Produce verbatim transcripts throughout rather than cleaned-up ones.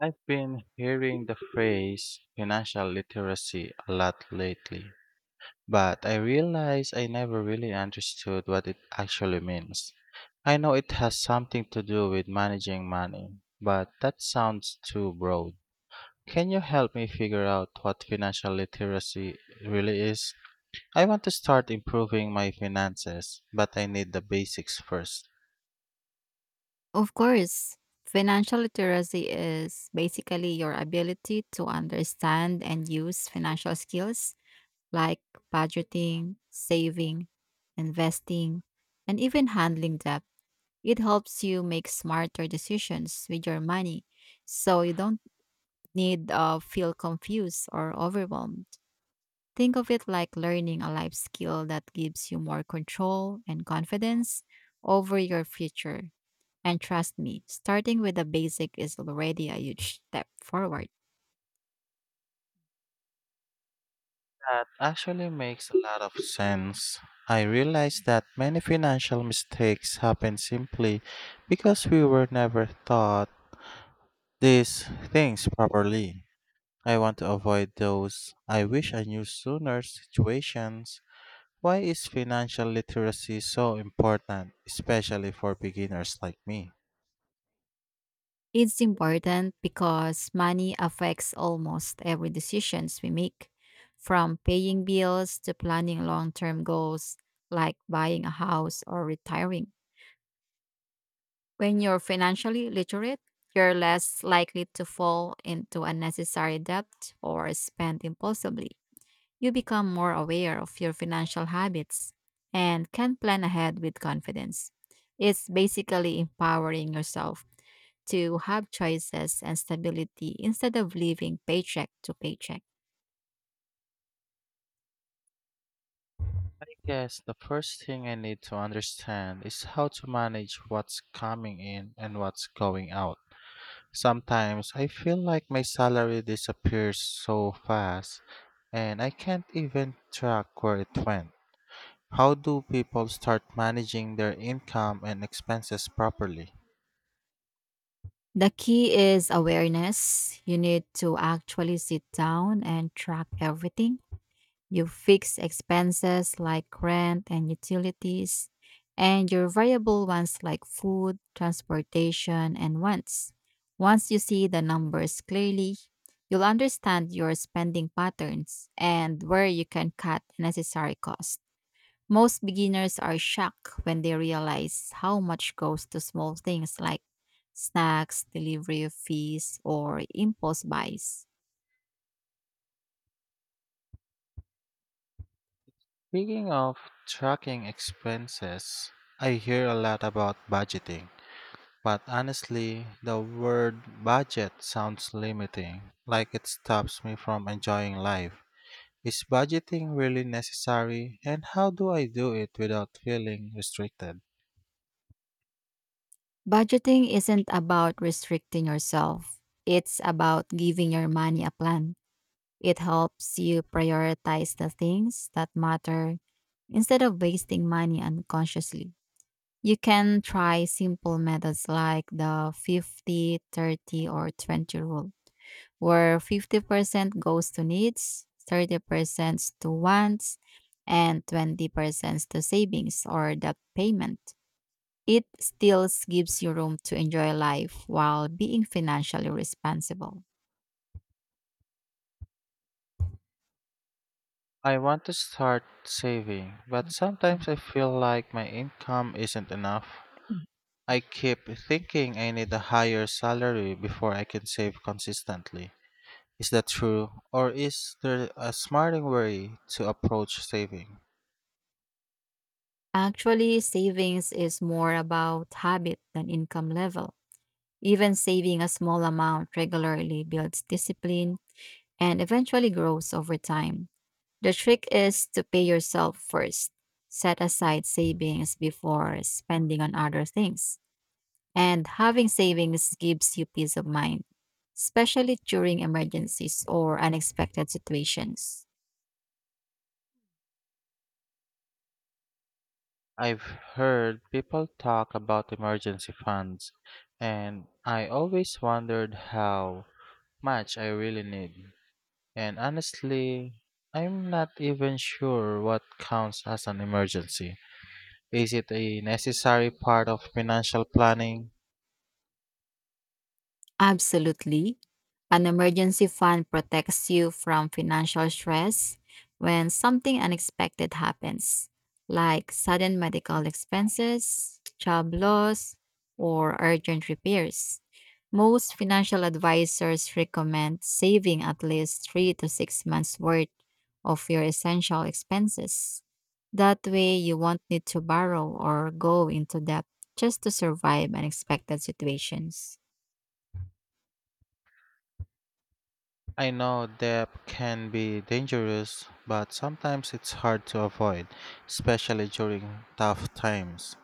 I've been hearing the phrase financial literacy a lot lately, but I realize I never really understood what it actually means. I know it has something to do with managing money, but that sounds too broad. Can you help me figure out what financial literacy really is? I want to start improving my finances, but I need the basics first. Of course, financial literacy is basically your ability to understand and use financial skills like budgeting, saving, investing, and even handling debt. It helps you make smarter decisions with your money so you don't need uh, feel confused or overwhelmed. Think of it like learning a life skill that gives you more control and confidence over your future. And trust me, starting with the basic is already a huge step forward. That actually makes a lot of sense. I realize that many financial mistakes happen simply because we were never taught these things properly. I want to avoid those I wish I knew sooner situations. Why is financial literacy so important, especially for beginners like me? It's important because money affects almost every decisions we make, from paying bills to planning long-term goals like buying a house or retiring. When you're financially literate, you're less likely to fall into unnecessary debt or spend impulsively. You become more aware of your financial habits and can plan ahead with confidence. It's basically empowering yourself to have choices and stability instead of living paycheck to paycheck. I guess the first thing I need to understand is how to manage what's coming in and what's going out. Sometimes I feel like my salary disappears so fast and I can't even track where it went. How do people start managing their income and expenses properly? The key is awareness. You need to actually sit down and track everything. Your fixed expenses like rent and utilities, and your variable ones like food, transportation, and wants. Once you see the numbers clearly, you'll understand your spending patterns and where you can cut necessary costs. Most beginners are shocked when they realize how much goes to small things like snacks, delivery fees, or impulse buys. Speaking of tracking expenses, I hear a lot about budgeting, but honestly, the word budget sounds limiting, like it stops me from enjoying life. Is budgeting really necessary, and how do I do it without feeling restricted? Budgeting isn't about restricting yourself. It's about giving your money a plan. It helps you prioritize the things that matter instead of wasting money unconsciously. You can try simple methods like the fifty, thirty, or twenty rule, where fifty percent goes to needs, thirty percent to wants, and twenty percent to savings or debt payment. It still gives you room to enjoy life while being financially responsible. I want to start saving, but sometimes I feel like my income isn't enough. I keep thinking I need a higher salary before I can save consistently. Is that true? Or is there a smarter way to approach saving? Actually, savings is more about habit than income level. Even saving a small amount regularly builds discipline and eventually grows over time. The trick is to pay yourself first. Set aside savings before spending on other things. And having savings gives you peace of mind, especially during emergencies or unexpected situations. I've heard people talk about emergency funds, and I always wondered how much I really need. And honestly, I'm not even sure what counts as an emergency. Is it a necessary part of financial planning? Absolutely. An emergency fund protects you from financial stress when something unexpected happens, like sudden medical expenses, job loss, or urgent repairs. Most financial advisors recommend saving at least three to six months' worth of your essential expenses. That way, you won't need to borrow or go into debt just to survive unexpected situations. I know debt can be dangerous, but sometimes it's hard to avoid, especially during tough times.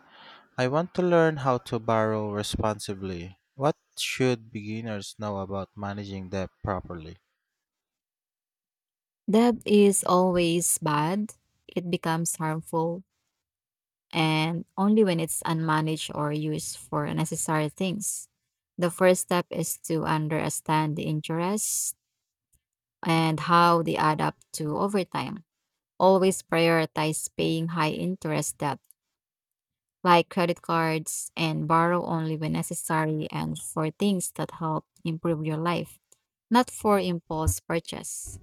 I want to learn how to borrow responsibly. What should beginners know about managing debt properly? Debt is always bad. It becomes harmful and only when it's unmanaged or used for unnecessary things. The first step is to understand the interest and how they add up to over time. Always prioritize paying high interest debt like credit cards and borrow only when necessary and for things that help improve your life, not for impulse purchase.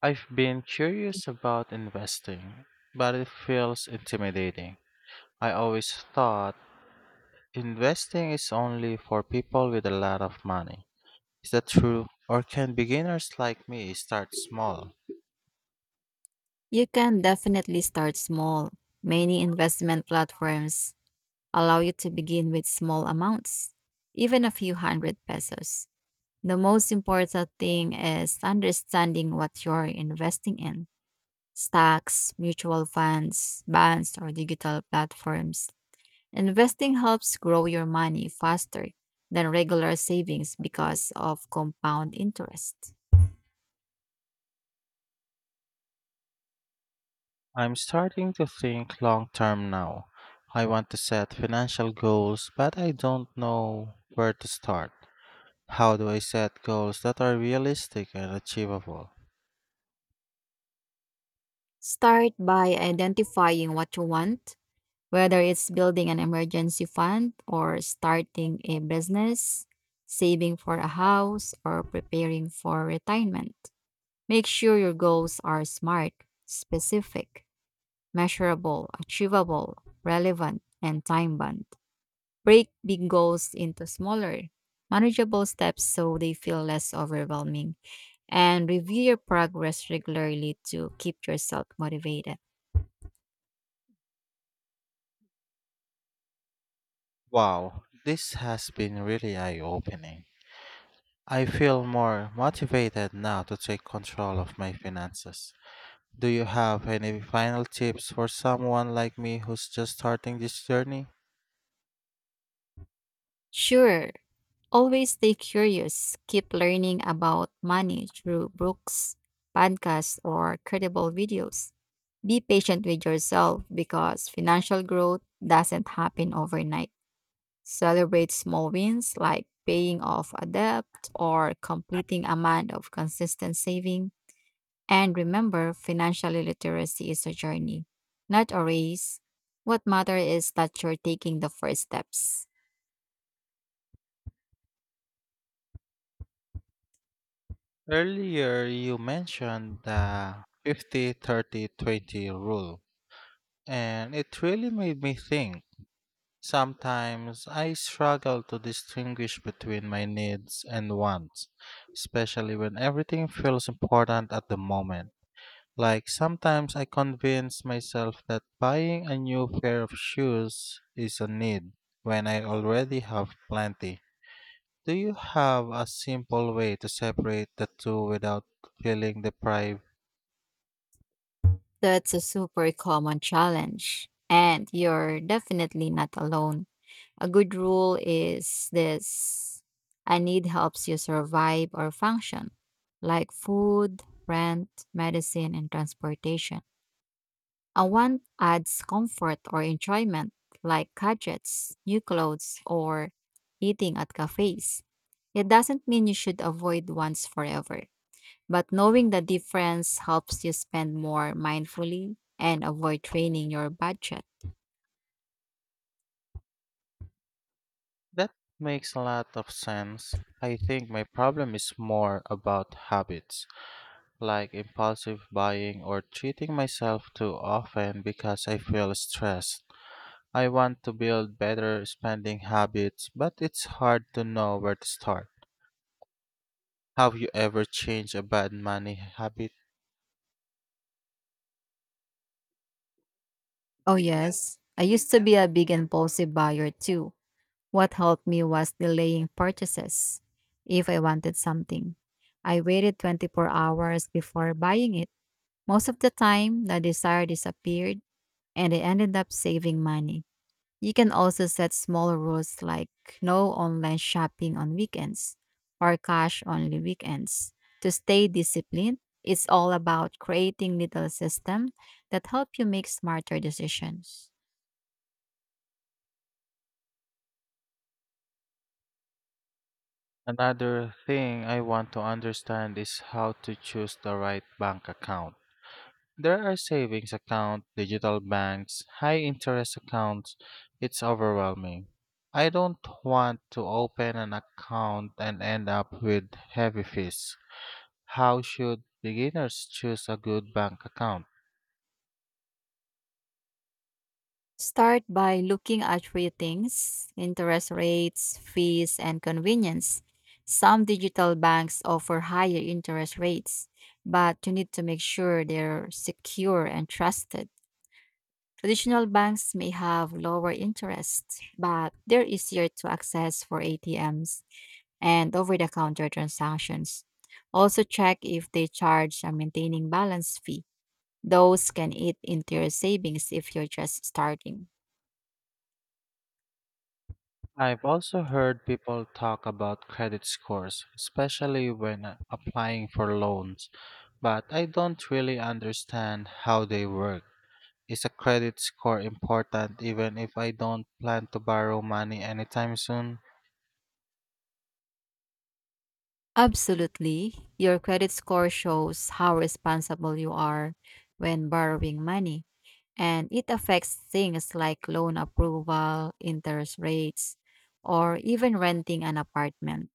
I've been curious about investing, but it feels intimidating. I always thought investing is only for people with a lot of money. Is that true? Or can beginners like me start small? You can definitely start small. Many investment platforms allow you to begin with small amounts, even a few hundred pesos. The most important thing is understanding what you're investing in: stocks, mutual funds, bonds, or digital platforms. Investing helps grow your money faster than regular savings because of compound interest. I'm starting to think long term now. I want to set financial goals, but I don't know where to start. How do I set goals that are realistic and achievable? Start by identifying what you want. Whether it's building an emergency fund or starting a business, saving for a house, or preparing for retirement, make sure your goals are smart, specific, measurable, achievable, relevant, and time bound. Break big goals into smaller, manageable steps so they feel less overwhelming, and review your progress regularly to keep yourself motivated. Wow, this has been really eye opening. I feel more motivated now to take control of my finances. Do you have any final tips for someone like me who's just starting this journey? Sure. Always stay curious. Keep learning about money through books, podcasts, or credible videos. Be patient with yourself because financial growth doesn't happen overnight. Celebrate small wins like paying off a debt or completing a month of consistent saving. And remember, financial literacy is a journey, not a race. What matters is that you're taking the first steps. Earlier, you mentioned the fifty thirty twenty rule, and it really made me think. Sometimes I struggle to distinguish between my needs and wants, especially when everything feels important at the moment. Like sometimes I convince myself that buying a new pair of shoes is a need when I already have plenty. Do you have a simple way to separate the two without feeling deprived? That's a super common challenge, and you're definitely not alone. A good rule is this: a need helps you survive or function, like food, rent, medicine, and transportation. A want adds comfort or enjoyment, like gadgets, new clothes, or eating at cafes. It doesn't mean you should avoid wants forever. But knowing the difference helps you spend more mindfully and avoid draining your budget. That makes a lot of sense. I think my problem is more about habits, like impulsive buying or treating myself too often because I feel stressed. I want to build better spending habits, but it's hard to know where to start. Have you ever changed a bad money habit? Oh, yes. I used to be a big impulsive buyer too. What helped me was delaying purchases. If I wanted something, I waited twenty-four hours before buying it. Most of the time, the desire disappeared and I ended up saving money. You can also set smaller rules like no online shopping on weekends or cash only weekends. To stay disciplined, it's all about creating little systems that help you make smarter decisions. Another thing I want to understand is how to choose the right bank account. There are savings accounts, digital banks, high interest accounts. It's overwhelming. I don't want to open an account and end up with heavy fees. How should beginners choose a good bank account? Start by looking at three things: interest rates, fees, and convenience. Some digital banks offer higher interest rates, but you need to make sure they're secure and trusted. Traditional banks may have lower interest, but they're easier to access for A T Ms and over the counter transactions. Also, check if they charge a maintaining balance fee. Those can eat into your savings if you're just starting. I've also heard people talk about credit scores, especially when uh, applying for loans, but I don't really understand how they work. Is a credit score important even if I don't plan to borrow money anytime soon? Absolutely. Your credit score shows how responsible you are when borrowing money, and it affects things like loan approval, interest rates, or even renting an apartment.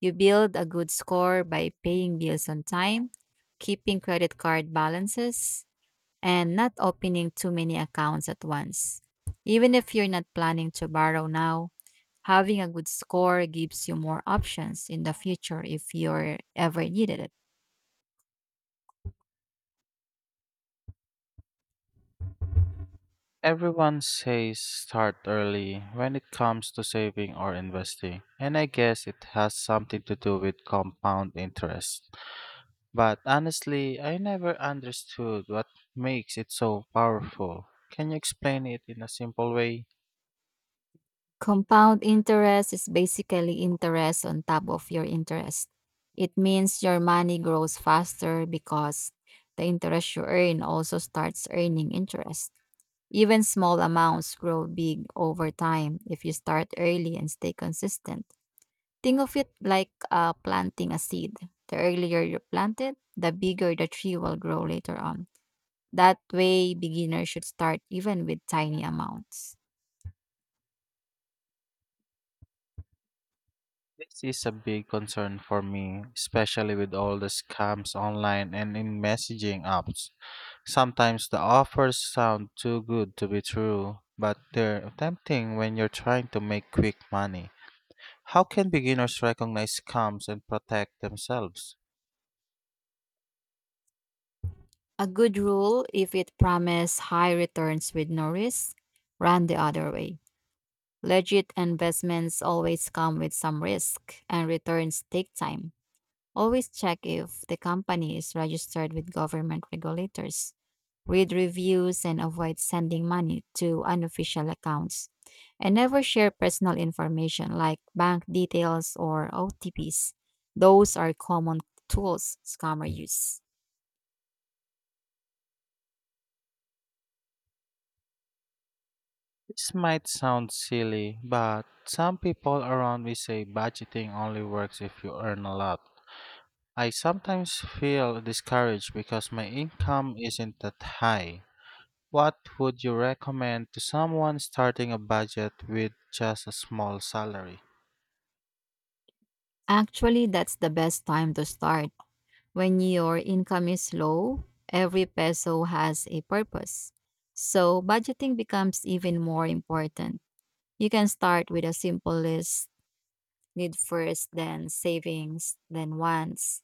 You build a good score by paying bills on time, keeping credit card balances, and not opening too many accounts at once. Even if you're not planning to borrow now, having a good score gives you more options in the future if you're ever needed it. Everyone says start early when it comes to saving or investing, and I guess it has something to do with compound interest. But honestly, I never understood what makes it so powerful. Can you explain it in a simple way? Compound interest is basically interest on top of your interest. It means your money grows faster because the interest you earn also starts earning interest. Even small amounts grow big over time if you start early and stay consistent. Think of it like uh, planting a seed. The earlier you plant it, the bigger the tree will grow later on. That way, beginners should start even with tiny amounts. This is a big concern for me, especially with all the scams online and in messaging apps. Sometimes the offers sound too good to be true, but they're tempting when you're trying to make quick money. How can beginners recognize scams and protect themselves? A good rule, if it promises high returns with no risk, run the other way. Legit investments always come with some risk, and returns take time. Always check if the company is registered with government regulators. Read reviews and avoid sending money to unofficial accounts. And never share personal information like bank details or O T Ps. Those are common tools scammers use. This might sound silly, but some people around me say budgeting only works if you earn a lot. I sometimes feel discouraged because my income isn't that high. What would you recommend to someone starting a budget with just a small salary? Actually, that's the best time to start. When your income is low, every peso has a purpose. So, budgeting becomes even more important. You can start with a simple list: need first, then savings, then wants.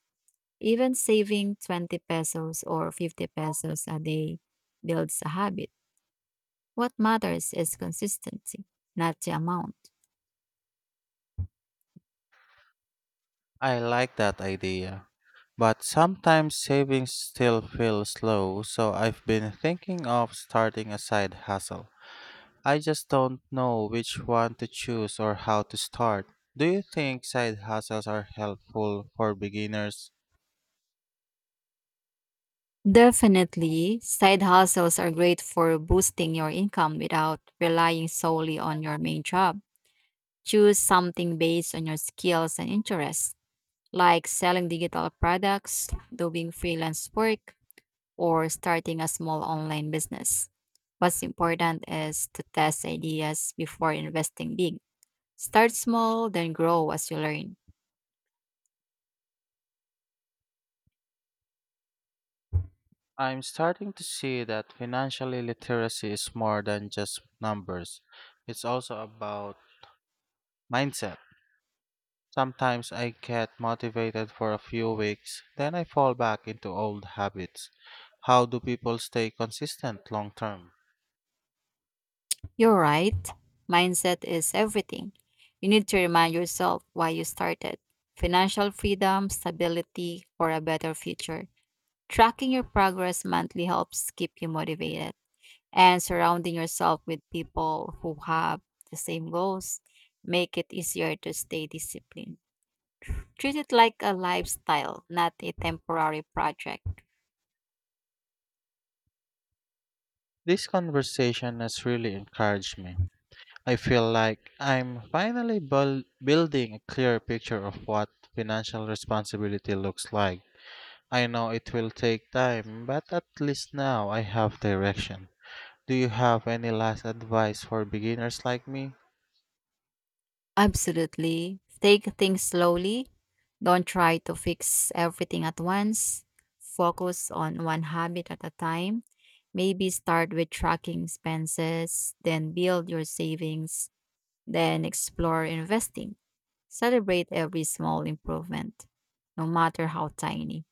Even saving twenty pesos or fifty pesos a day builds a habit. What matters is consistency, not the amount. I like that idea. But sometimes savings still feel slow, so I've been thinking of starting a side hustle. I just don't know which one to choose or how to start. Do you think side hustles are helpful for beginners? Definitely, side hustles are great for boosting your income without relying solely on your main job. Choose something based on your skills and interests, like selling digital products, doing freelance work, or starting a small online business. What's important is to test ideas before investing big. Start small, then grow as you learn. I'm starting to see that financial literacy is more than just numbers. It's also about mindset. Sometimes I get motivated for a few weeks, then I fall back into old habits. How do people stay consistent long term? You're right. Mindset is everything. You need to remind yourself why you started: financial freedom, stability, or a better future. Tracking your progress monthly helps keep you motivated, and surrounding yourself with people who have the same goals make it easier to stay disciplined. Treat it like a lifestyle, not a temporary project. This conversation has really encouraged me. I feel like I'm finally buil- building a clear picture of what financial responsibility looks like. I know it will take time, but at least now I have direction. Do you have any last advice for beginners like me? Absolutely. Take things slowly. Don't try to fix everything at once. Focus on one habit at a time. Maybe start with tracking expenses, then build your savings, then explore investing. Celebrate every small improvement, no matter how tiny.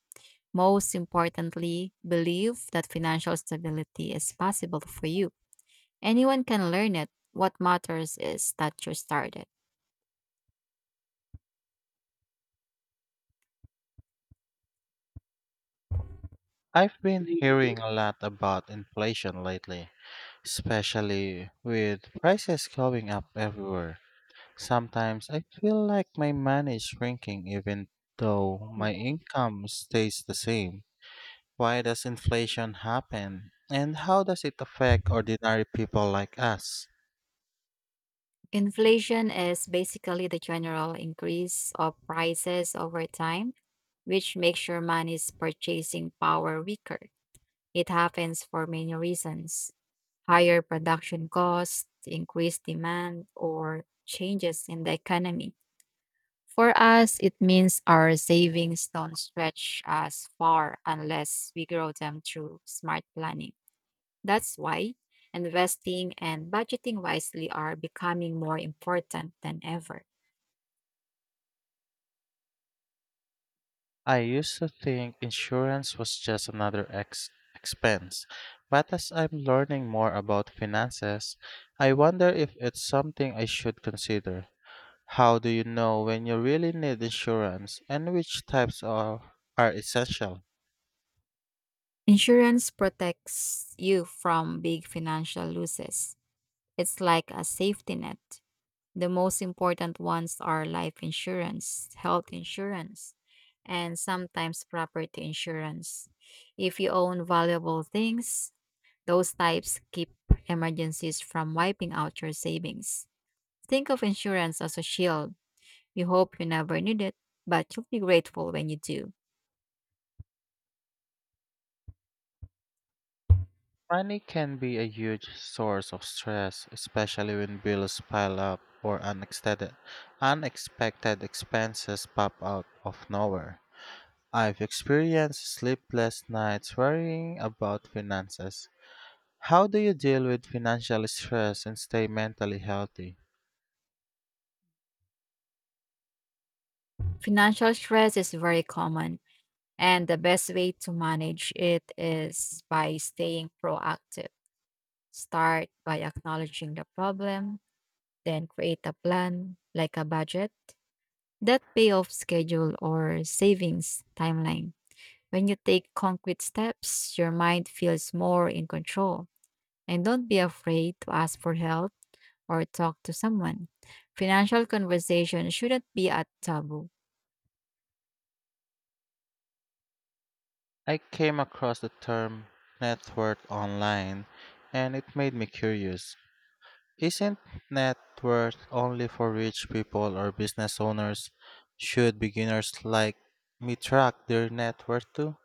Most importantly, believe that financial stability is possible for you. Anyone can learn it. What matters is that you started. I've been hearing a lot about inflation lately, especially with prices going up everywhere. Sometimes I feel like my money is shrinking even though my income stays the same. Why does inflation happen? And how does it affect ordinary people like us? Inflation is basically the general increase of prices over time, which makes your money's purchasing power weaker. It happens for many reasons: higher production costs, increased demand, or changes in the economy. For us, it means our savings don't stretch as far unless we grow them through smart planning. That's why investing and budgeting wisely are becoming more important than ever. I used to think insurance was just another ex- expense, but as I'm learning more about finances, I wonder if it's something I should consider. How do you know when you really need insurance and which types are, are essential? Insurance protects you from big financial losses. It's like a safety net. The most important ones are life insurance, health insurance, and sometimes property insurance. If you own valuable things, those types keep emergencies from wiping out your savings. Think of insurance as a shield. You hope you never need it, but you'll be grateful when you do. Money can be a huge source of stress, especially when bills pile up or unexpected, unexpected expenses pop out of nowhere. I've experienced sleepless nights worrying about finances. How do you deal with financial stress and stay mentally healthy? Financial stress is very common, and the best way to manage it is by staying proactive. Start by acknowledging the problem, then create a plan, like a budget, that payoff schedule, or savings timeline. When you take concrete steps, your mind feels more in control. And don't be afraid to ask for help or talk to someone. Financial conversation shouldn't be a taboo. I came across the term net worth online and it made me curious. Isn't net worth only for rich people or business owners? Should beginners like me track their net worth too?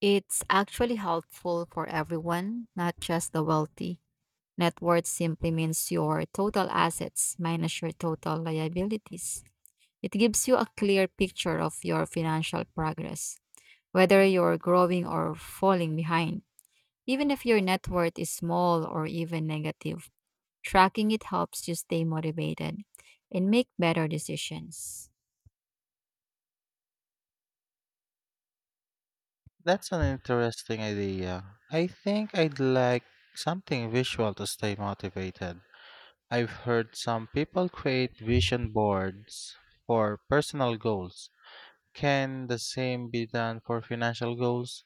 It's actually helpful for everyone, not just the wealthy. Net worth simply means your total assets minus your total liabilities. It gives you a clear picture of your financial progress, whether you're growing or falling behind. Even if your net worth is small or even negative, tracking it helps you stay motivated and make better decisions. That's an interesting idea. I think I'd like something visual to stay motivated. I've heard some people create vision boards for personal goals. Can the same be done for financial goals?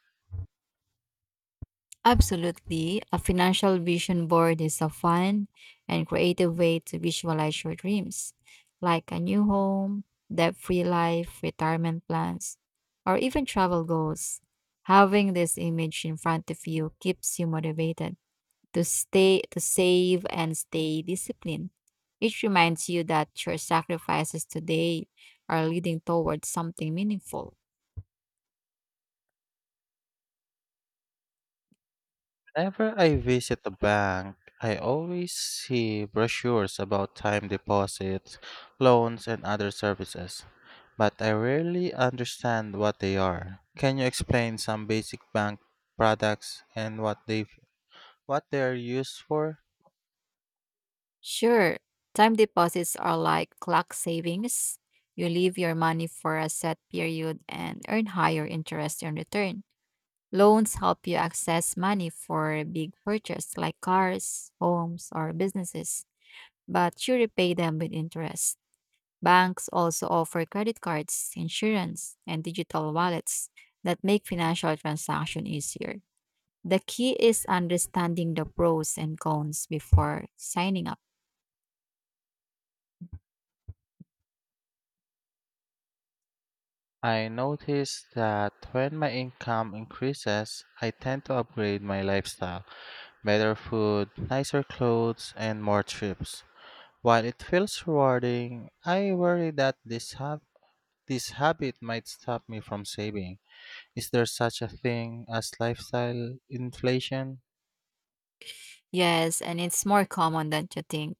Absolutely. A financial vision board is a fun and creative way to visualize your dreams, like a new home, debt free life, retirement plans, or even travel goals. Having this image in front of you keeps you motivated to stay, to save, and stay disciplined. It reminds you that your sacrifices today are leading towards something meaningful. Whenever I visit a bank, I always see brochures about time deposits, loans, and other services, but I rarely understand what they are. Can you explain some basic bank products and what they what they are used for? Sure, time deposits are like clock savings. You leave your money for a set period and earn higher interest in return. Loans help you access money for big purchases like cars, homes, or businesses, but you repay them with interest. Banks also offer credit cards, insurance, and digital wallets that make financial transactions easier. The key is understanding the pros and cons before signing up. I notice that when my income increases, I tend to upgrade my lifestyle, better food, nicer clothes, and more trips. While it feels rewarding, I worry that this habit This habit might stop me from saving. Is there such a thing as lifestyle inflation? Yes, and it's more common than you think.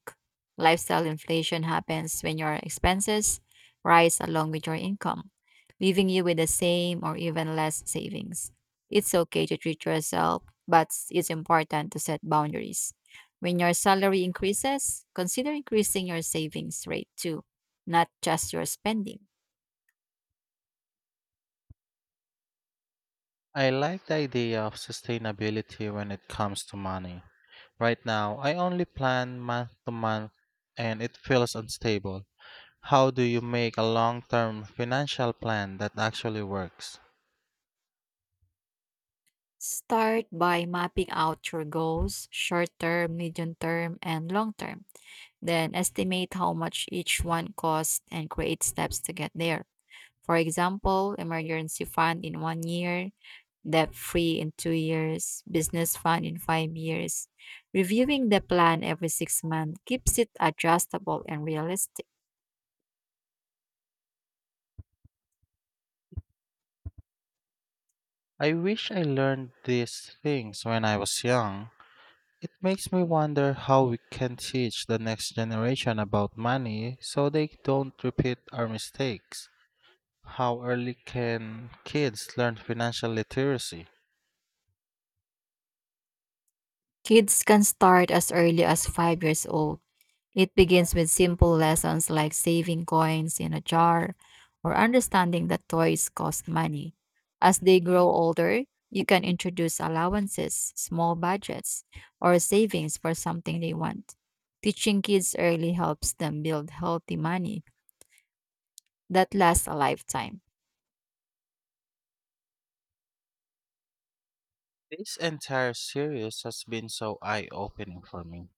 Lifestyle inflation happens when your expenses rise along with your income, leaving you with the same or even less savings. It's okay to treat yourself, but it's important to set boundaries. When your salary increases, consider increasing your savings rate too, not just your spending. I like the idea of sustainability when it comes to money. Right now, I only plan month to month and it feels unstable. How do you make a long term financial plan that actually works? Start by mapping out your goals, short term, medium term, and long term. Then estimate how much each one costs and create steps to get there. For example, emergency fund in one year, debt free in two years, business fund in five years. Reviewing the plan every six months keeps it adjustable and realistic. I wish I learned these things when I was young. It makes me wonder how we can teach the next generation about money so they don't repeat our mistakes. How early can kids learn financial literacy? Kids can start as early as five years old. It begins with simple lessons like saving coins in a jar or understanding that toys cost money. As they grow older, you can introduce allowances, small budgets, or savings for something they want. Teaching kids early helps them build healthy money that lasts a lifetime. This entire series has been so eye opening for me.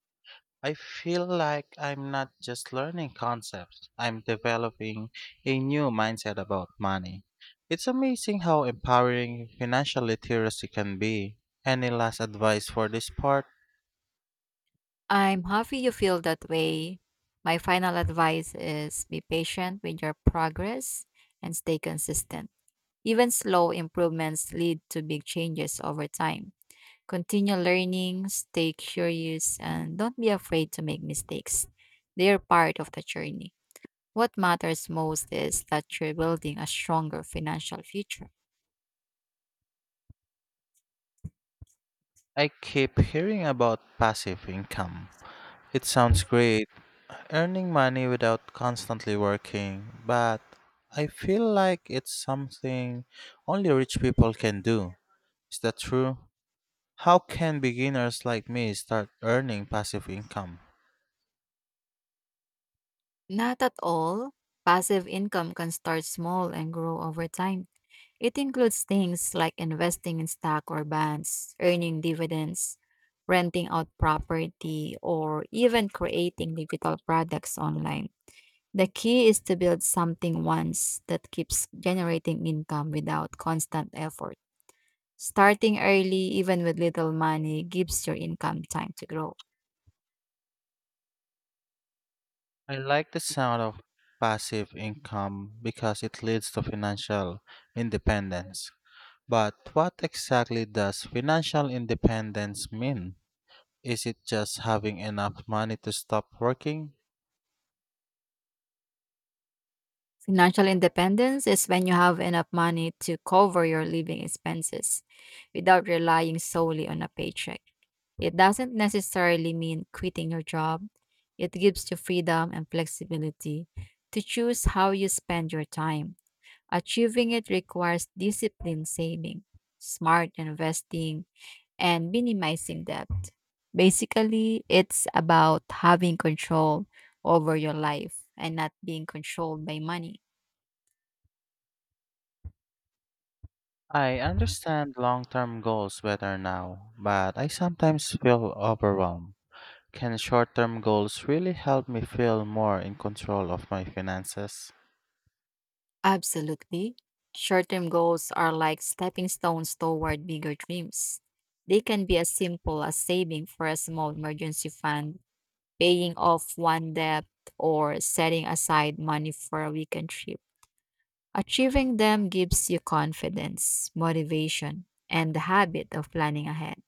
I feel like I'm not just learning concepts, I'm developing a new mindset about money. It's amazing how empowering financial literacy can be. Any last advice for this part? I'm happy you feel that way. My final advice is be patient with your progress and stay consistent. Even slow improvements lead to big changes over time. Continue learning, stay curious, and don't be afraid to make mistakes. They are part of the journey. What matters most is that you're building a stronger financial future. I keep hearing about passive income. It sounds great, earning money without constantly working, but I feel like it's something only rich people can do. Is that true? How can beginners like me start earning passive income? Not at all. Passive income can start small and grow over time. It includes things like investing in stock or bonds, earning dividends, renting out property, or even creating digital products online. The key is to build something once that keeps generating income without constant effort. Starting early, even with little money, gives your income time to grow. I like the sound of passive income because it leads to financial independence. But what exactly does financial independence mean? Is it just having enough money to stop working? Financial independence is when you have enough money to cover your living expenses without relying solely on a paycheck. It doesn't necessarily mean quitting your job, it gives you freedom and flexibility to choose how you spend your time. Achieving it requires disciplined saving, smart investing, and minimizing debt. Basically, it's about having control over your life and not being controlled by money. I understand long term goals better now, but I sometimes feel overwhelmed. Can short term goals really help me feel more in control of my finances? Absolutely. Short term goals are like stepping stones toward bigger dreams. They can be as simple as saving for a small emergency fund, paying off one debt, or setting aside money for a weekend trip. Achieving them gives you confidence, motivation, and the habit of planning ahead.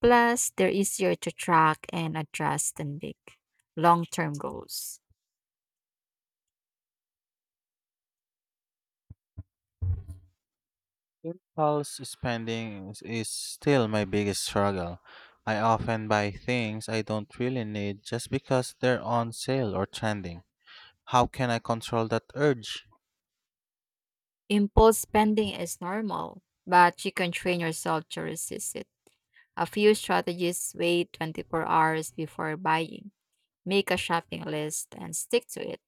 Plus, they're easier to track and adjust than big, long term goals. Impulse spending is is still my biggest struggle. I often buy things I don't really need just because they're on sale or trending. How can I control that urge? Impulse spending is normal, but you can train yourself to resist it. A few strategies: wait twenty-four hours before buying, make a shopping list and stick to it,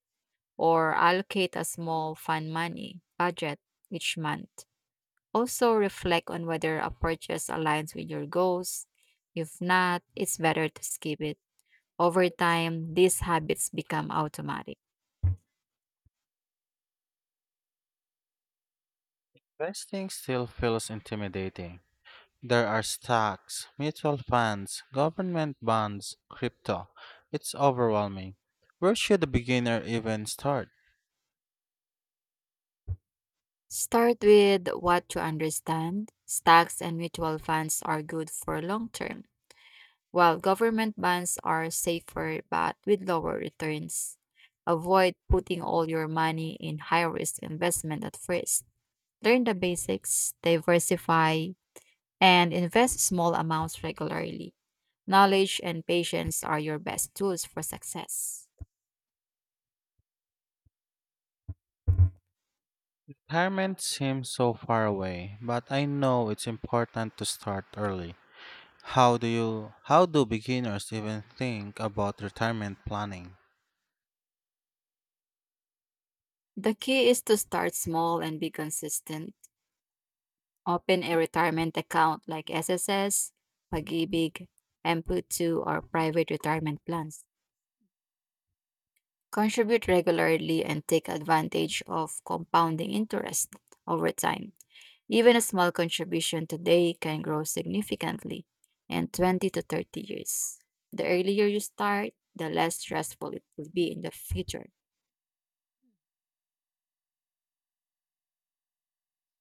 or allocate a small fun money budget each month. Also, reflect on whether a purchase aligns with your goals. If not, it's better to skip it. Over time, these habits become automatic. Investing still feels intimidating. There are stocks, mutual funds, government bonds, crypto. It's overwhelming. Where should a beginner even start? Start with what you understand. Stocks and mutual funds are good for long term, while government bonds are safer but with lower returns. Avoid putting all your money in high risk investment at first. Learn the basics, diversify, and invest small amounts regularly. Knowledge and patience are your best tools for success. Retirement seems so far away, but I know it's important to start early. How do you how do beginners even think about retirement planning? The key is to start small and be consistent. Open a retirement account like S S S, Pag-ibig, M P O two, or private retirement plans. Contribute regularly and take advantage of compounding interest over time. Even a small contribution today can grow significantly in twenty to thirty years. The earlier you start, the less stressful it will be in the future.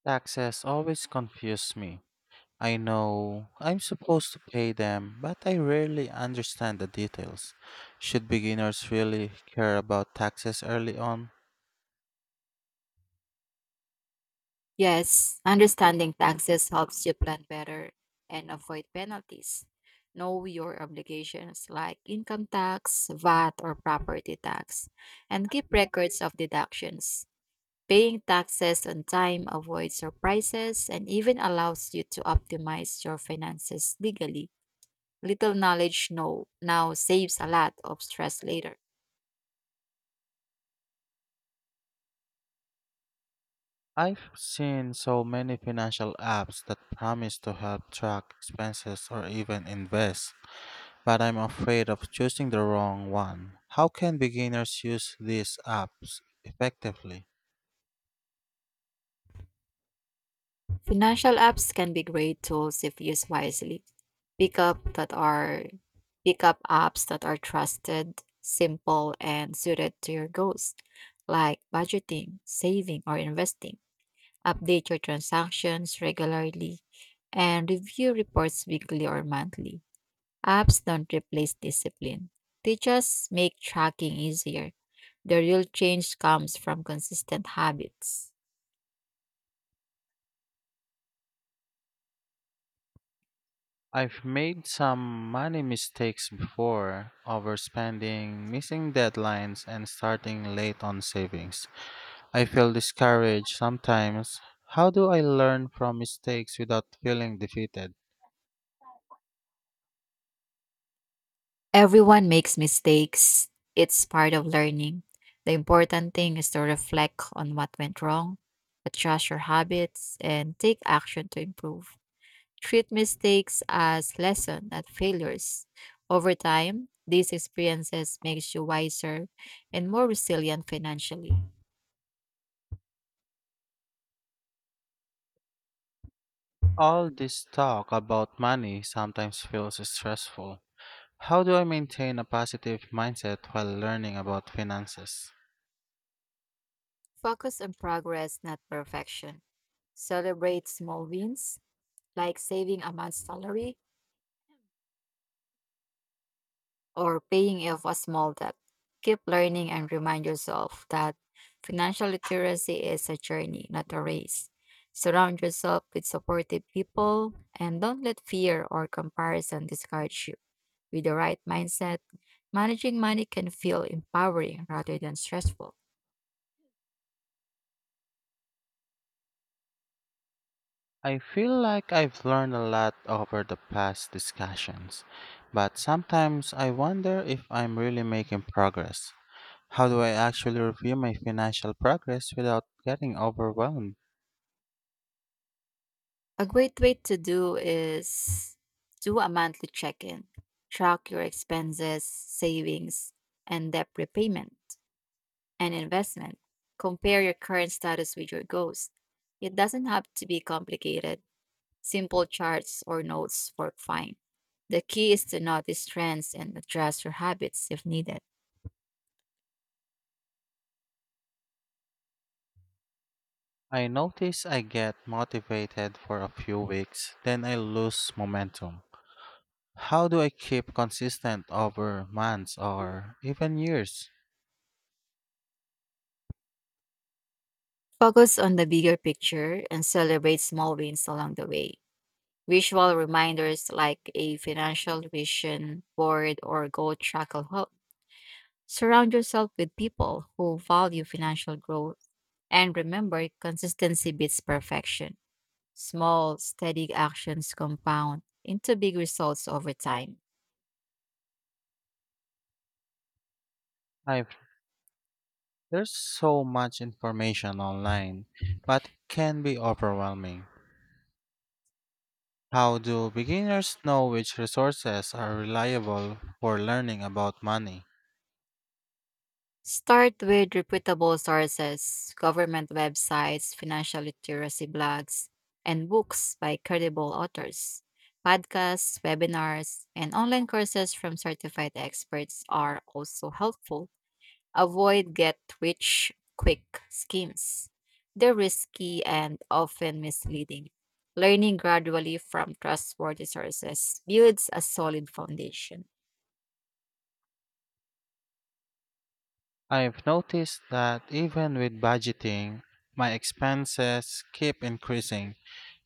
Taxes always confuse me. I know I'm supposed to pay them, but I rarely understand the details. Should beginners really care about taxes early on? Yes, understanding taxes helps you plan better and avoid penalties. Know your obligations like income tax, vat, or property tax, and keep records of deductions. Paying taxes on time avoids surprises and even allows you to optimize your finances legally. Little knowledge no, now saves a lot of stress later. I've seen so many financial apps that promise to help track expenses or even invest, but I'm afraid of choosing the wrong one. How can beginners use these apps effectively? Financial apps can be great tools if used wisely. Pick up that are Pick up apps that are trusted, simple, and suited to your goals, like budgeting, saving, or investing. Update your transactions regularly and review reports weekly or monthly. Apps don't replace discipline, they just make tracking easier. The real change comes from consistent habits. I've made some money mistakes before, overspending, missing deadlines, and starting late on savings. I feel discouraged sometimes. How do I learn from mistakes without feeling defeated? Everyone makes mistakes. It's part of learning. The important thing is to reflect on what went wrong, adjust your habits, and take action to improve. Treat mistakes as lessons, not failures. Over time, these experiences makes you wiser and more resilient financially. All this talk about money sometimes feels stressful. How do I maintain a positive mindset while learning about finances? Focus on progress, not perfection. Celebrate small wins, like saving a month's salary or paying off a small debt. Keep learning and remind yourself that financial literacy is a journey, not a race. Surround yourself with supportive people and don't let fear or comparison discourage you. With the right mindset, managing money can feel empowering rather than stressful. I feel like I've learned a lot over the past discussions, but sometimes I wonder if I'm really making progress. How do I actually review my financial progress without getting overwhelmed? A great way to do is do a monthly check in. Track your expenses, savings, and debt repayment, and investment. Compare your current status with your goals. It doesn't have to be complicated. Simple charts or notes work fine. The key is to notice trends and adjust your habits if needed. I notice I get motivated for a few weeks, then I lose momentum. How do I keep consistent over months or even years? Focus on the bigger picture and celebrate small wins along the way. Visual reminders like a financial vision board or goal tracker help. Surround yourself with people who value financial growth. And remember, consistency beats perfection. Small, steady actions compound into big results over time. I've, there's so much information online, but it can be overwhelming. How do beginners know which resources are reliable for learning about money? Start with reputable sources, government websites, financial literacy blogs, and books by credible authors. Podcasts, webinars, and online courses from certified experts are also helpful. Avoid get rich quick schemes. They're risky and often misleading. Learning gradually from trustworthy sources builds a solid foundation. I've noticed that even with budgeting, my expenses keep increasing.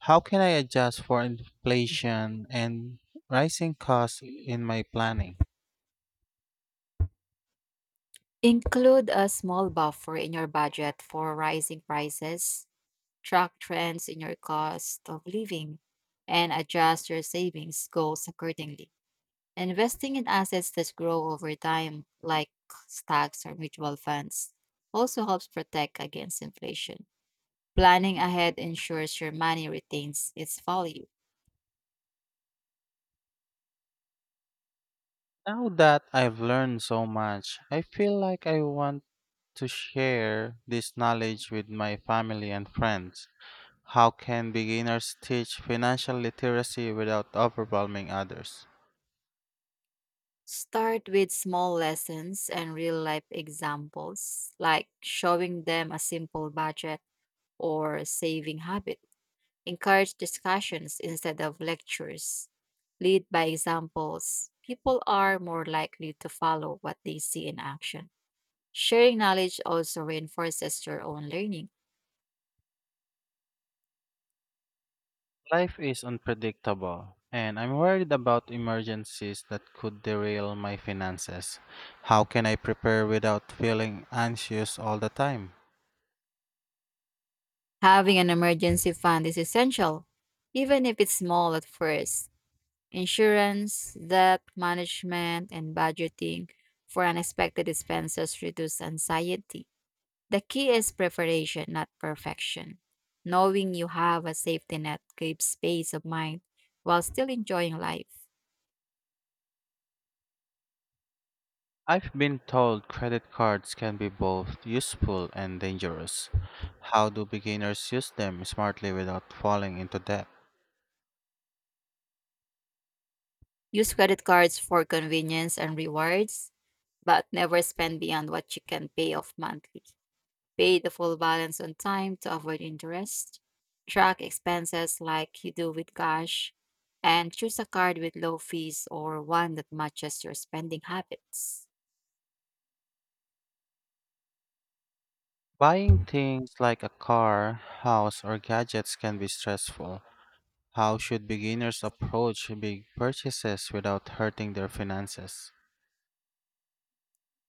How can I adjust for inflation and rising costs in my planning? Include a small buffer in your budget for rising prices, track trends in your cost of living, and adjust your savings goals accordingly. Investing in assets that grow over time, like stocks or mutual funds, also helps protect against inflation. Planning ahead ensures your money retains its value. Now that I've learned so much, I feel like I want to share this knowledge with my family and friends. How can beginners teach financial literacy without overwhelming others? Start with small lessons and real life examples, like showing them a simple budget or saving habit. Encourage discussions instead of lectures. Lead by examples. People are more likely to follow what they see in action. Sharing knowledge also reinforces your own learning. Life is unpredictable, and I'm worried about emergencies that could derail my finances. How can I prepare without feeling anxious all the time? Having an emergency fund is essential, even if it's small at first. Insurance, debt management, and budgeting for unexpected expenses reduce anxiety. The key is preparation, not perfection. Knowing you have a safety net gives peace of mind while still enjoying life. I've been told credit cards can be both useful and dangerous. How do beginners use them smartly without falling into debt? Use credit cards for convenience and rewards, but never spend beyond what you can pay off monthly. Pay the full balance on time to avoid interest, track expenses like you do with cash, and choose a card with low fees or one that matches your spending habits. Buying things like a car, house, or gadgets can be stressful. How should beginners approach big purchases without hurting their finances?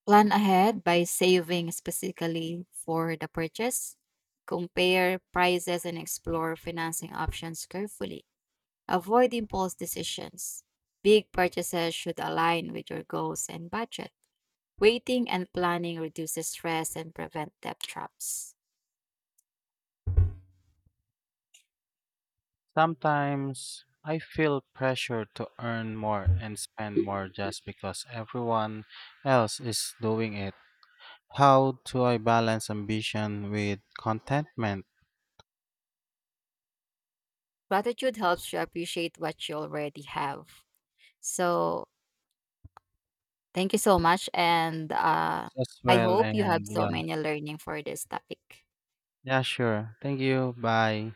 Plan ahead by saving specifically for the purchase, compare prices, and explore financing options carefully. Avoid impulse decisions. Big purchases should align with your goals and budget. Waiting and planning reduces stress and prevent debt traps. Sometimes I feel pressure to earn more and spend more just because everyone else is doing it. How do I balance ambition with contentment Gratitude helps you appreciate what you already have. So thank you so much. And uh, as I well? hope you have And so yeah, many learning for this topic. yeah, sure. Thank you. Bye.